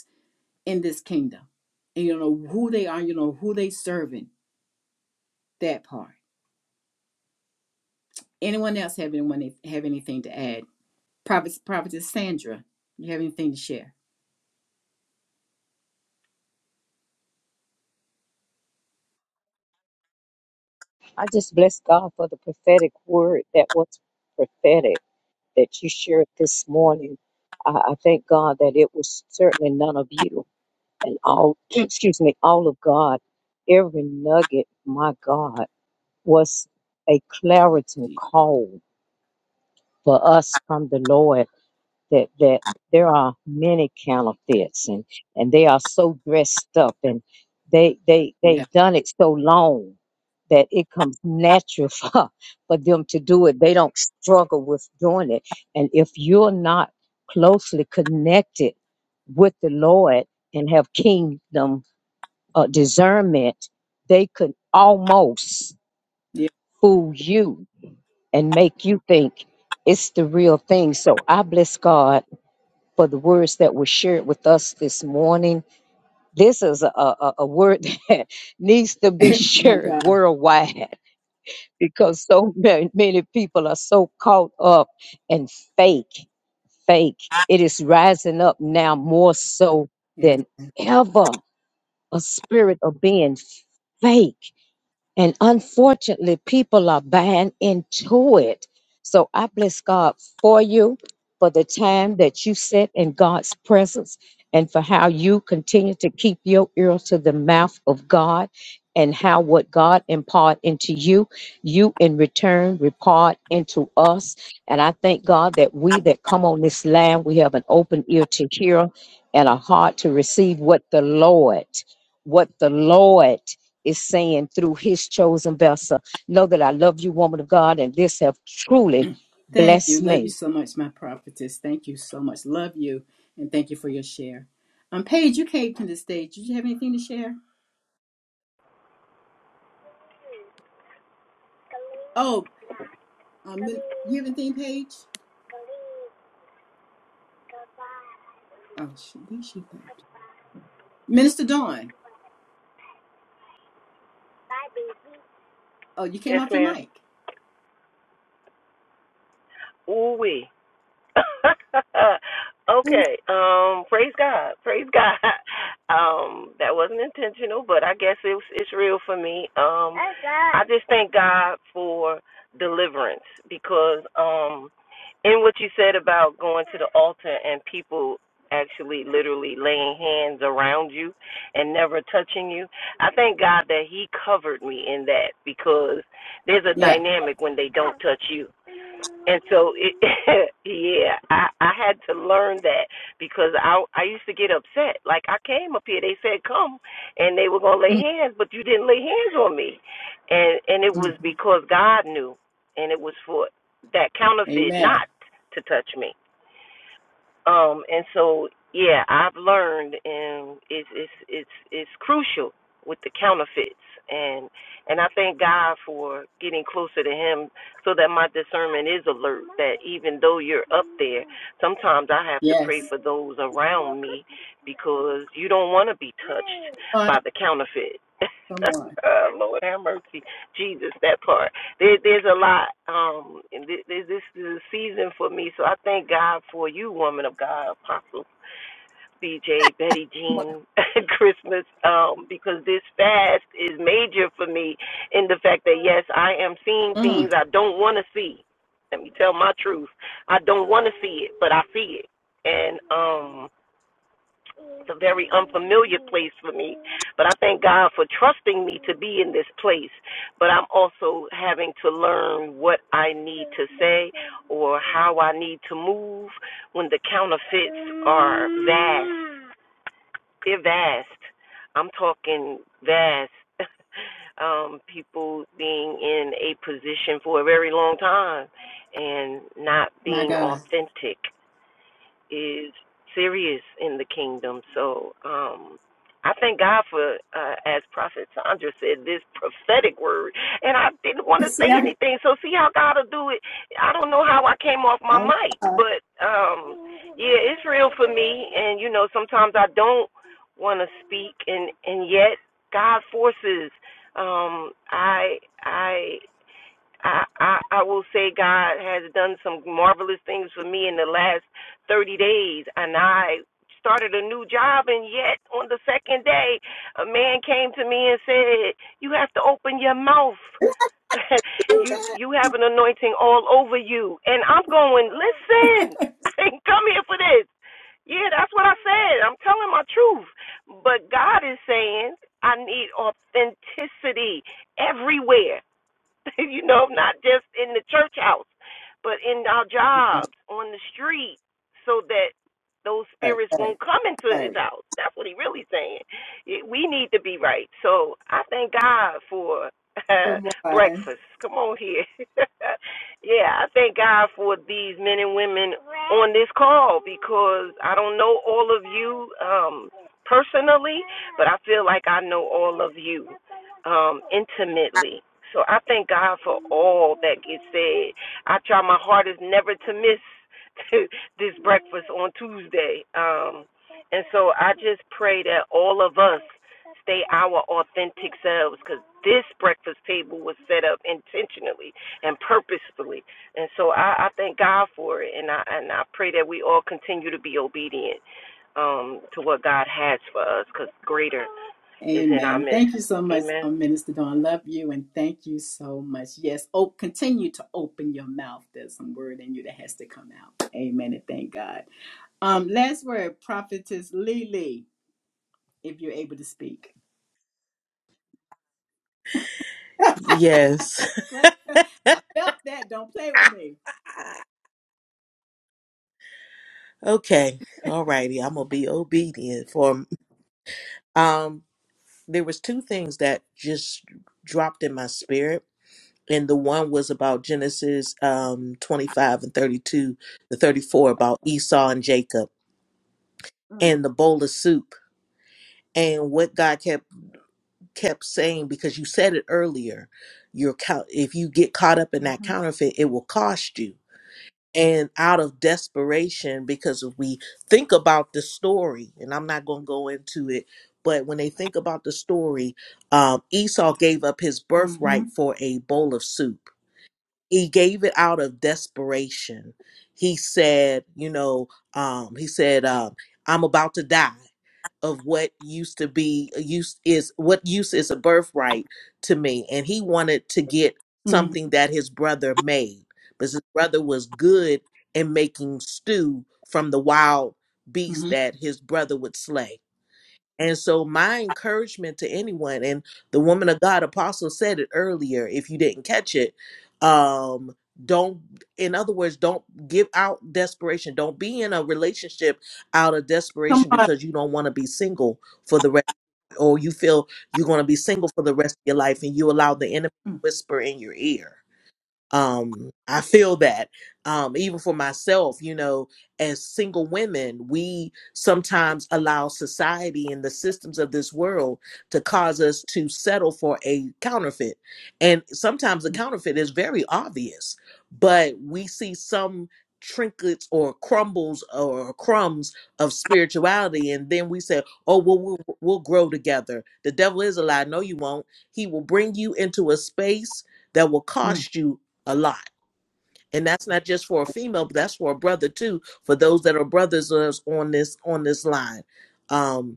in this kingdom. And you know who they are, you know who they serving, that part. Anyone else have anyone have anything to add? Prophet Prophetess Sandra, you have anything to share?
I just bless God for the prophetic word that was prophetic that you shared this morning. I, I thank God that it was certainly none of you and all, [clears throat] excuse me, all of God. Every nugget, my God, was a clarity call for us from the Lord. that that there are many counterfeits and and they are so dressed up and they they
Yeah.
they've done it so long that it comes natural [laughs] for, for them to do it they don't struggle with doing it and if you're not closely connected with the lord and have kingdom uh, discernment they could almost
Yeah.
fool you and make you think it's the real thing so i bless god for the words that were shared with us this morning. This is a, a, a word [laughs] that needs to be
[laughs] my
shared
God.
worldwide [laughs] because so many, many people are so caught up in fake, fake. It is rising up now more so
Amen.
than ever a spirit of being fake and unfortunately, people are buying into it. So I bless God for you, for the time that you sit in God's presence, and for how you continue to keep your ear to the mouth of God, and how what God impart into you, you in return repart into us. And I thank God that we that come on this land, we have an open ear to hear and a heart to receive what the Lord, what the Lord is saying through his chosen vessel. Know that I love you, woman of God, and this have truly
Thank you.
blessed
Love
me.
you so much, my prophetess. Thank you so much. Love you and thank you for your share. Um, Paige, you came to the stage. Did you have anything to share? Oh, um, you have anything, Paige? Oh, she, she Minister Dawn. Oh, you came
Yes,
off your
ma'am.
mic.
Ooh wee. [laughs] okay. Um. Praise God. Praise God. [laughs] Um. That wasn't intentional, but I guess it's it's real for me. Um. I just thank God for deliverance because um, in what you said about going to the altar and people actually literally laying hands around you and never touching you. I thank God that he covered me in that because there's a
Yeah.
dynamic when they don't touch you and so, it, [laughs] yeah, I I had to learn that because I I used to get upset. Like I came up here, they said come, and they were gonna lay hands, but you didn't lay hands on me, and and it was
Mhm.
because God knew, and it was for that counterfeit
Amen.
not to touch me. Um, and so yeah, I've learned, and it's it's it's it's crucial with the counterfeits, and and I thank God for getting closer to Him, so that my discernment is alert. That even though you're up there, sometimes I have to pray
Yes.
for those around me because you don't want to be touched
Come
by the counterfeit. [laughs]
on.
Lord have mercy, Jesus, that part there, there's a lot. Um, and thi- this, this is a season for me, so I thank God for you, woman of God, Apostle BJ, Betty
Come on.
Jean, [laughs] Christmas, um, because this fast is major for me in the fact that yes, I am seeing
Mm,
things I don't want to see. Let me tell my truth. I don't want to see it, but I see it, and um. It's a very unfamiliar place for me, but I thank God for trusting me to be in this place. But I'm also having to learn what I need to say or how I need to move when the counterfeits are vast. They're vast. I'm talking vast. [laughs] um, people being in a position for a very long time and not
my
being
God.
authentic is serious in the kingdom. So um, I thank God for, uh, as Prophet Sandra said, this prophetic word. And I didn't
[laughs]
want to
See,
say
I can
anything. So see how God will do it. I don't know how I came off my mic, but um, yeah, it's real for me. And you know, sometimes I don't want to speak, and and yet God forces. Um, I I I, I I will say God has done some marvelous things for me in the last 30 days, and I started a new job, and yet on the second day, a man came to me and said, "You have to open your mouth." [laughs]
do
you
that.
you have an anointing all over you and I'm going listen [laughs] I didn't come here for this yeah that's what I said I'm telling my truth but God is saying I need authenticity everywhere [laughs] you know, not just in the church house, but in our
Okay.
jobs, on the street, so that those
All right,
spirits
all right,
won't come into
all
his
right.
house. That's what he really saying. It- We need to be right. So I thank God for [laughs] uh,
Come on.
breakfast. Come on here. [laughs] yeah, I thank God for these men and women on this call because I don't know all of you um personally, but I feel like I know all of you um, intimately. So I thank God for all that gets said. I try my hardest never to miss [laughs] this breakfast on Tuesday. Um, and so I just pray that all of us stay our authentic selves because this breakfast table was set up intentionally and purposefully. And so I, I thank God for it. And I, and I pray that we all continue to be obedient um, to what God has for us because greater is in our
Amen.
midst.
Thank you so much,
Amen.
uh, Minister Dawn. Love you and thank you so much. Yes, oh, continue to open your mouth. There's some word in you that has to come out. Amen and thank God. Um, last word, Prophetess Lily, if you're able to speak.
Yes.
Great. I felt that. Don't play with
[laughs]
me.
Okay. All righty. I'm gonna be obedient for um there was two things that just dropped in my spirit. And the one was about Genesis um 25 and 32, the 34 about Esau and Jacob
Mm,
and the bowl of soup. And what God kept kept saying, because you said it earlier, your count if you get caught up in that
mhm,
counterfeit, it will cost you. and out of desperation because if we think about the story and i'm not going to go into it but when they think about the story um, esau gave up his birthright
mhm,
for a bowl of soup he gave it out of desperation he said you know um, he said um, i'm about to die of what used to be used is what use is a birthright to me and he wanted to get
mm,
something that his brother made because his brother was good in making stew from the wild beast
mhm.
that his brother would slay and so, my encouragement to anyone, and the woman of God apostle said it earlier, if you didn't catch it, um, don't, in other words, don't give out desperation. Don't be in a relationship out of
Come
desperation
on.
because you don't want to be single for the rest, or you feel you're going to be single for the rest of your life and you allow the enemy to
Mm,
whisper in your ear um i feel that um even for myself you know as single women we sometimes allow society and the systems of this world to cause us to settle for a counterfeit and sometimes the counterfeit is very obvious but we see some trinkets or crumbles or crumbs of spirituality and then we say oh well we'll, we'll grow together the devil is a lie no you won't he will bring you into a space that will
mm.
cost you a lot. And that's not just for a female, but that's for a brother too, for those that are brothers on this on this line. Um,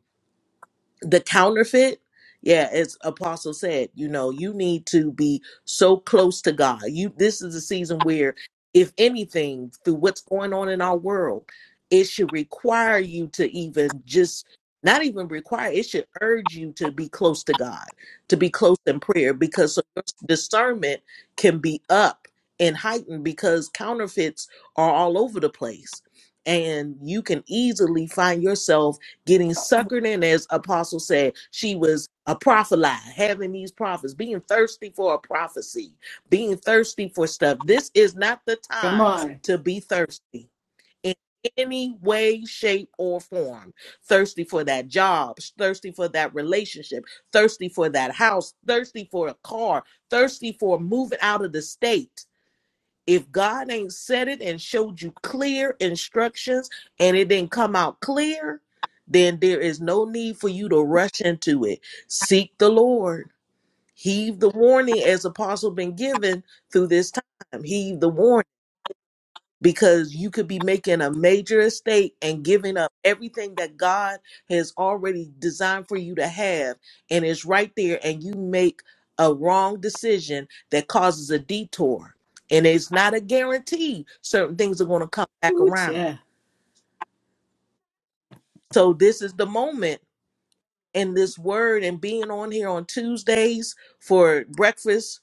the counterfeit yeah as apostle said you know you need to be so close to god you this is a season where if anything through what's going on in our world it should require you to even just not even require it should urge you to be close to god to be close in prayer because so your discernment can be up and heightened because counterfeits are all over the place and you can easily find yourself getting suckered in, as Apostle said, she was a prophetline, having these prophets, being thirsty for a prophecy, being thirsty for stuff. This is not the
Come
time
on.
to be thirsty in any way, shape, or form. Thirsty for that job, thirsty for that relationship, thirsty for that house, thirsty for a car, thirsty for moving out of the state if God ain't said it and showed you clear instructions and it didn't come out clear, then there is no need for you to rush into it. Seek the Lord. Heed the warning as apostle been given through this time. Heed the warning because you could be making a major estate and giving up everything that God has already designed for you to have and it's right there and you make a wrong decision that causes a detour and it's not a guarantee certain things are going to come back
Ooh,
around
yeah.
so this is the moment in this word and being on here on Tuesdays for breakfast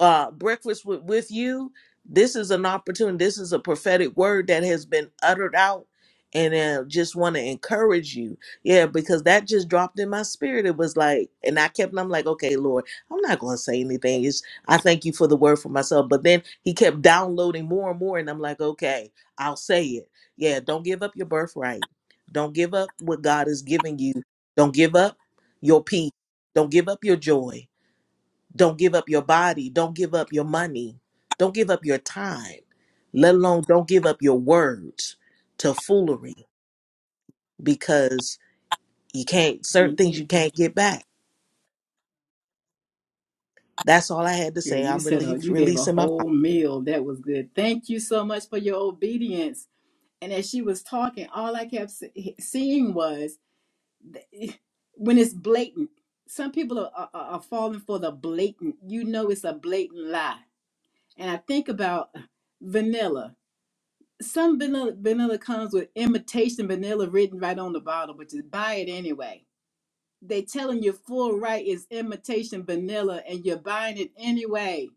uh, breakfast with, with you, this is an opportunity. This is a prophetic word that has been uttered out. And uh, just want to encourage you. Yeah, because that just dropped in my spirit. It was like, and I kept, I'm like, okay, Lord, I'm not going to say anything. It's, I thank you for the word for myself. But then he kept downloading more and more. And I'm like, okay, I'll say it. Yeah, don't give up your birthright. Don't give up what God is giving you. Don't give up your peace. Don't give up your joy. Don't give up your body. Don't give up your money. Don't give up your time, let alone don't give up your words to foolery because you can't, certain
Can't get
things you
it
can't
back.
get back. That's all I had to
Girl,
say.
you
I'm
said uh,
released,
you gave a
releasing my mind.
whole meal. That was good. Thank you so much for your obedience. And as she was talking, all I kept se- seeing was when it's blatant. Some people are, are, are falling for the blatant. You know, it's a blatant lie. And I think about vanilla. Some vanilla, vanilla comes with imitation vanilla written right on the bottle, but just buy it anyway. They telling you full right is imitation vanilla, and you're buying it anyway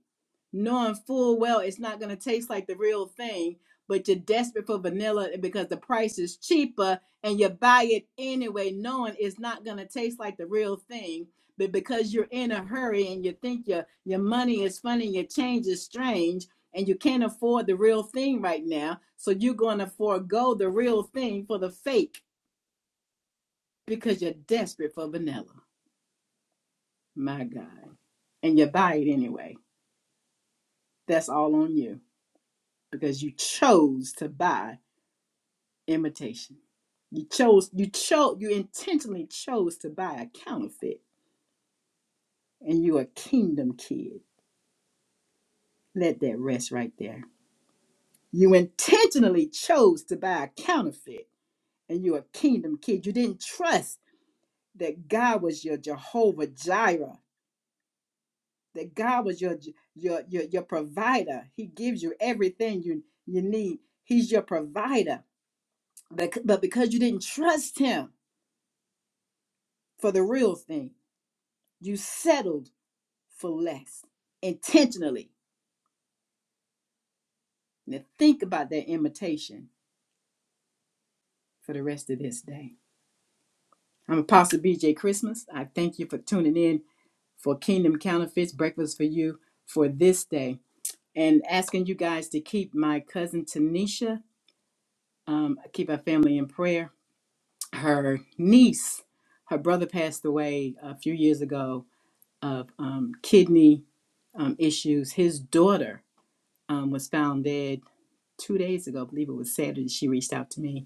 knowing full well it's not going to taste like the real thing, but you're desperate for vanilla because the price is cheaper and you buy it anyway, knowing it's not going to taste like the real thing. But because you're in a hurry and you think your, your money is funny, your change is strange, and you can't afford the real thing right now, so you're going to forego the real thing for the fake because you're desperate for vanilla. My God. And you buy it anyway. That's all on you because you chose to buy imitation. You chose, you chose, you intentionally chose to buy a counterfeit, and you're a kingdom kid. Let that rest right there. You intentionally chose to buy a counterfeit, and you're a kingdom kid. You didn't trust that God was your Jehovah Jireh, that God was your your your, your provider. He gives you everything you you need. He's your provider. But, but because you didn't trust him for the real thing, you settled For less intentionally. Now think about that imitation for the rest of this day. I'm Apostle BJ Christmas. I thank you for tuning in for Kingdom Counterfeits Breakfast for You for this day and asking you guys to keep my cousin Tanisha, um, keep our family in prayer. Her niece, her brother passed away a few years ago of um, kidney um, issues. His daughter um, was found dead two days ago. I believe it was Saturday. She reached out to me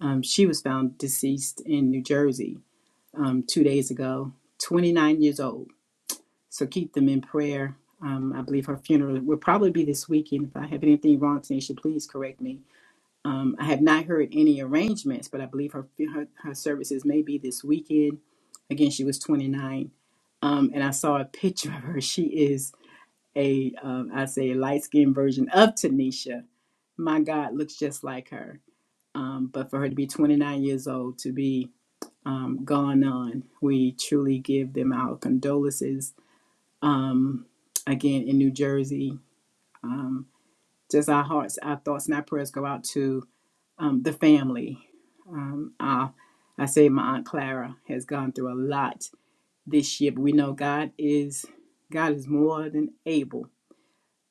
Um, she was found deceased in New Jersey um, two days ago, 29 years old. So keep them in prayer. Um, I believe her funeral will probably be this weekend. If I have anything wrong, Tanisha, please correct me. Um, I have not heard any arrangements, but I believe her, her, her services may be this weekend. Again, she was 29. Um, and I saw a picture of her. She is a, um, I say, a light skinned version of Tanisha. My God, looks just like her. Um, but for her to be 29 years old, to be um, gone on. We truly give them our condolences. Um, again, in New Jersey, um, just our hearts, our thoughts, and our prayers go out to um, the family. Um, our, I say my aunt Clara has gone through a lot this year, but we know God is God is more than able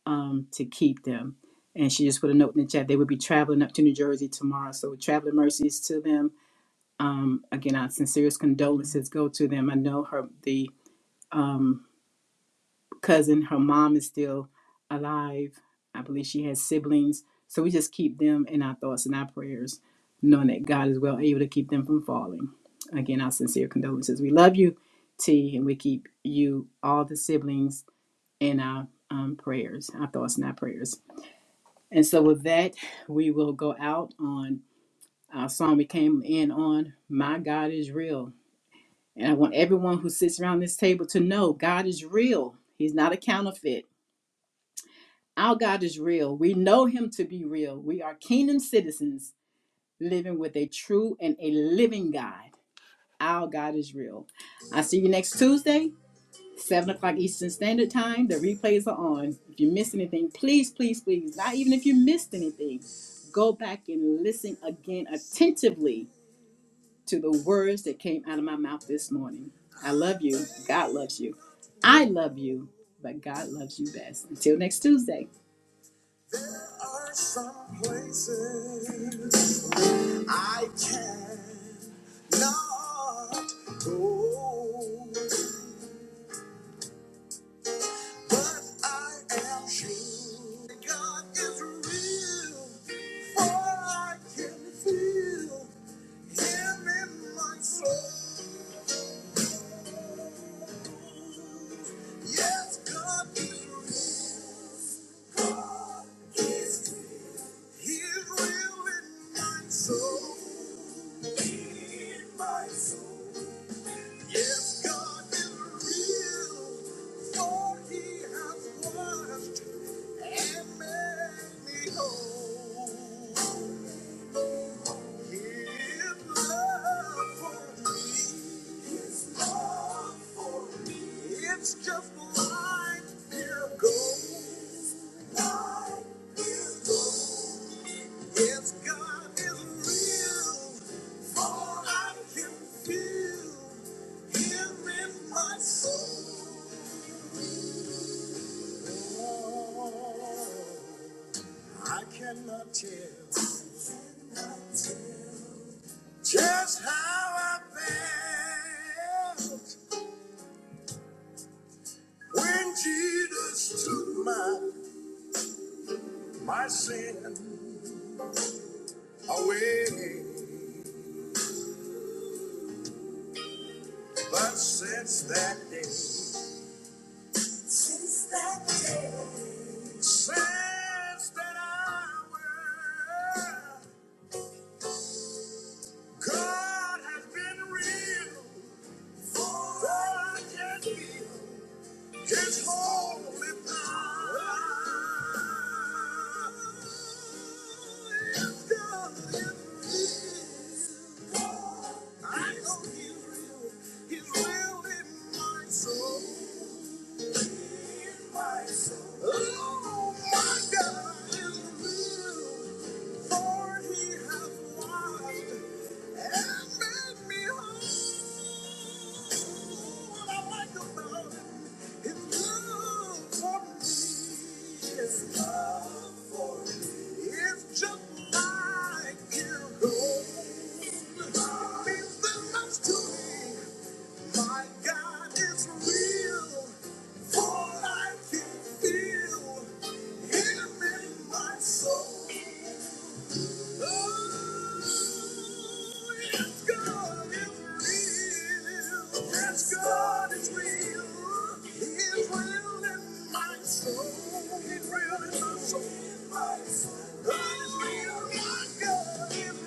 um, to keep them. And she just put a note in the chat. They will be traveling up to New Jersey tomorrow, so traveling mercies to them Um, again, our sincerest condolences go to them. I know her, the um, cousin, her mom is still alive. I believe she has siblings. So we just keep them in our thoughts and our prayers, knowing that God is well able to keep them from falling. Again, our sincere condolences. We love you, T, and we keep you, all the siblings, in our um, prayers, our thoughts and our prayers. And so with that, we will go out on our song we came in on, My God is Real. And I want everyone who sits around this table to know God is real. He's not a counterfeit. Our God is real. We know him to be real. We are kingdom citizens living with a true and a living God. Our God is real. I see you next Tuesday, 7 o'clock Eastern Standard Time. The replays are on. If you missed anything, please, please, please, not even if you missed anything, go back and listen again attentively to the words that came out of my mouth this morning. I love you. God loves you. I love you, but God loves you best. Until next Tuesday.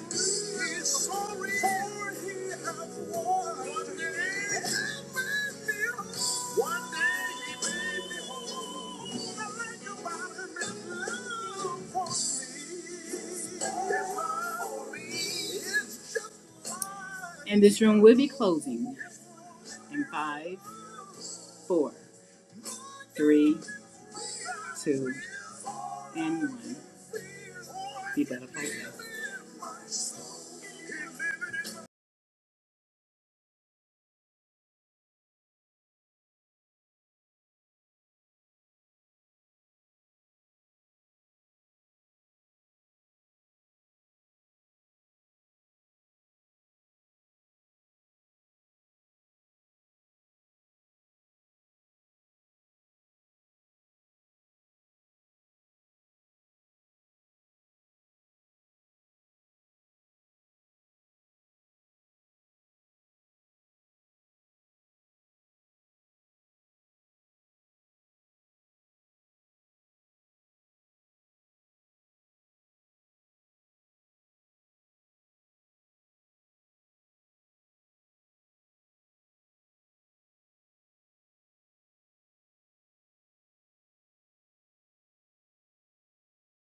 Oh, And this room will be closing in five, four, three, and one.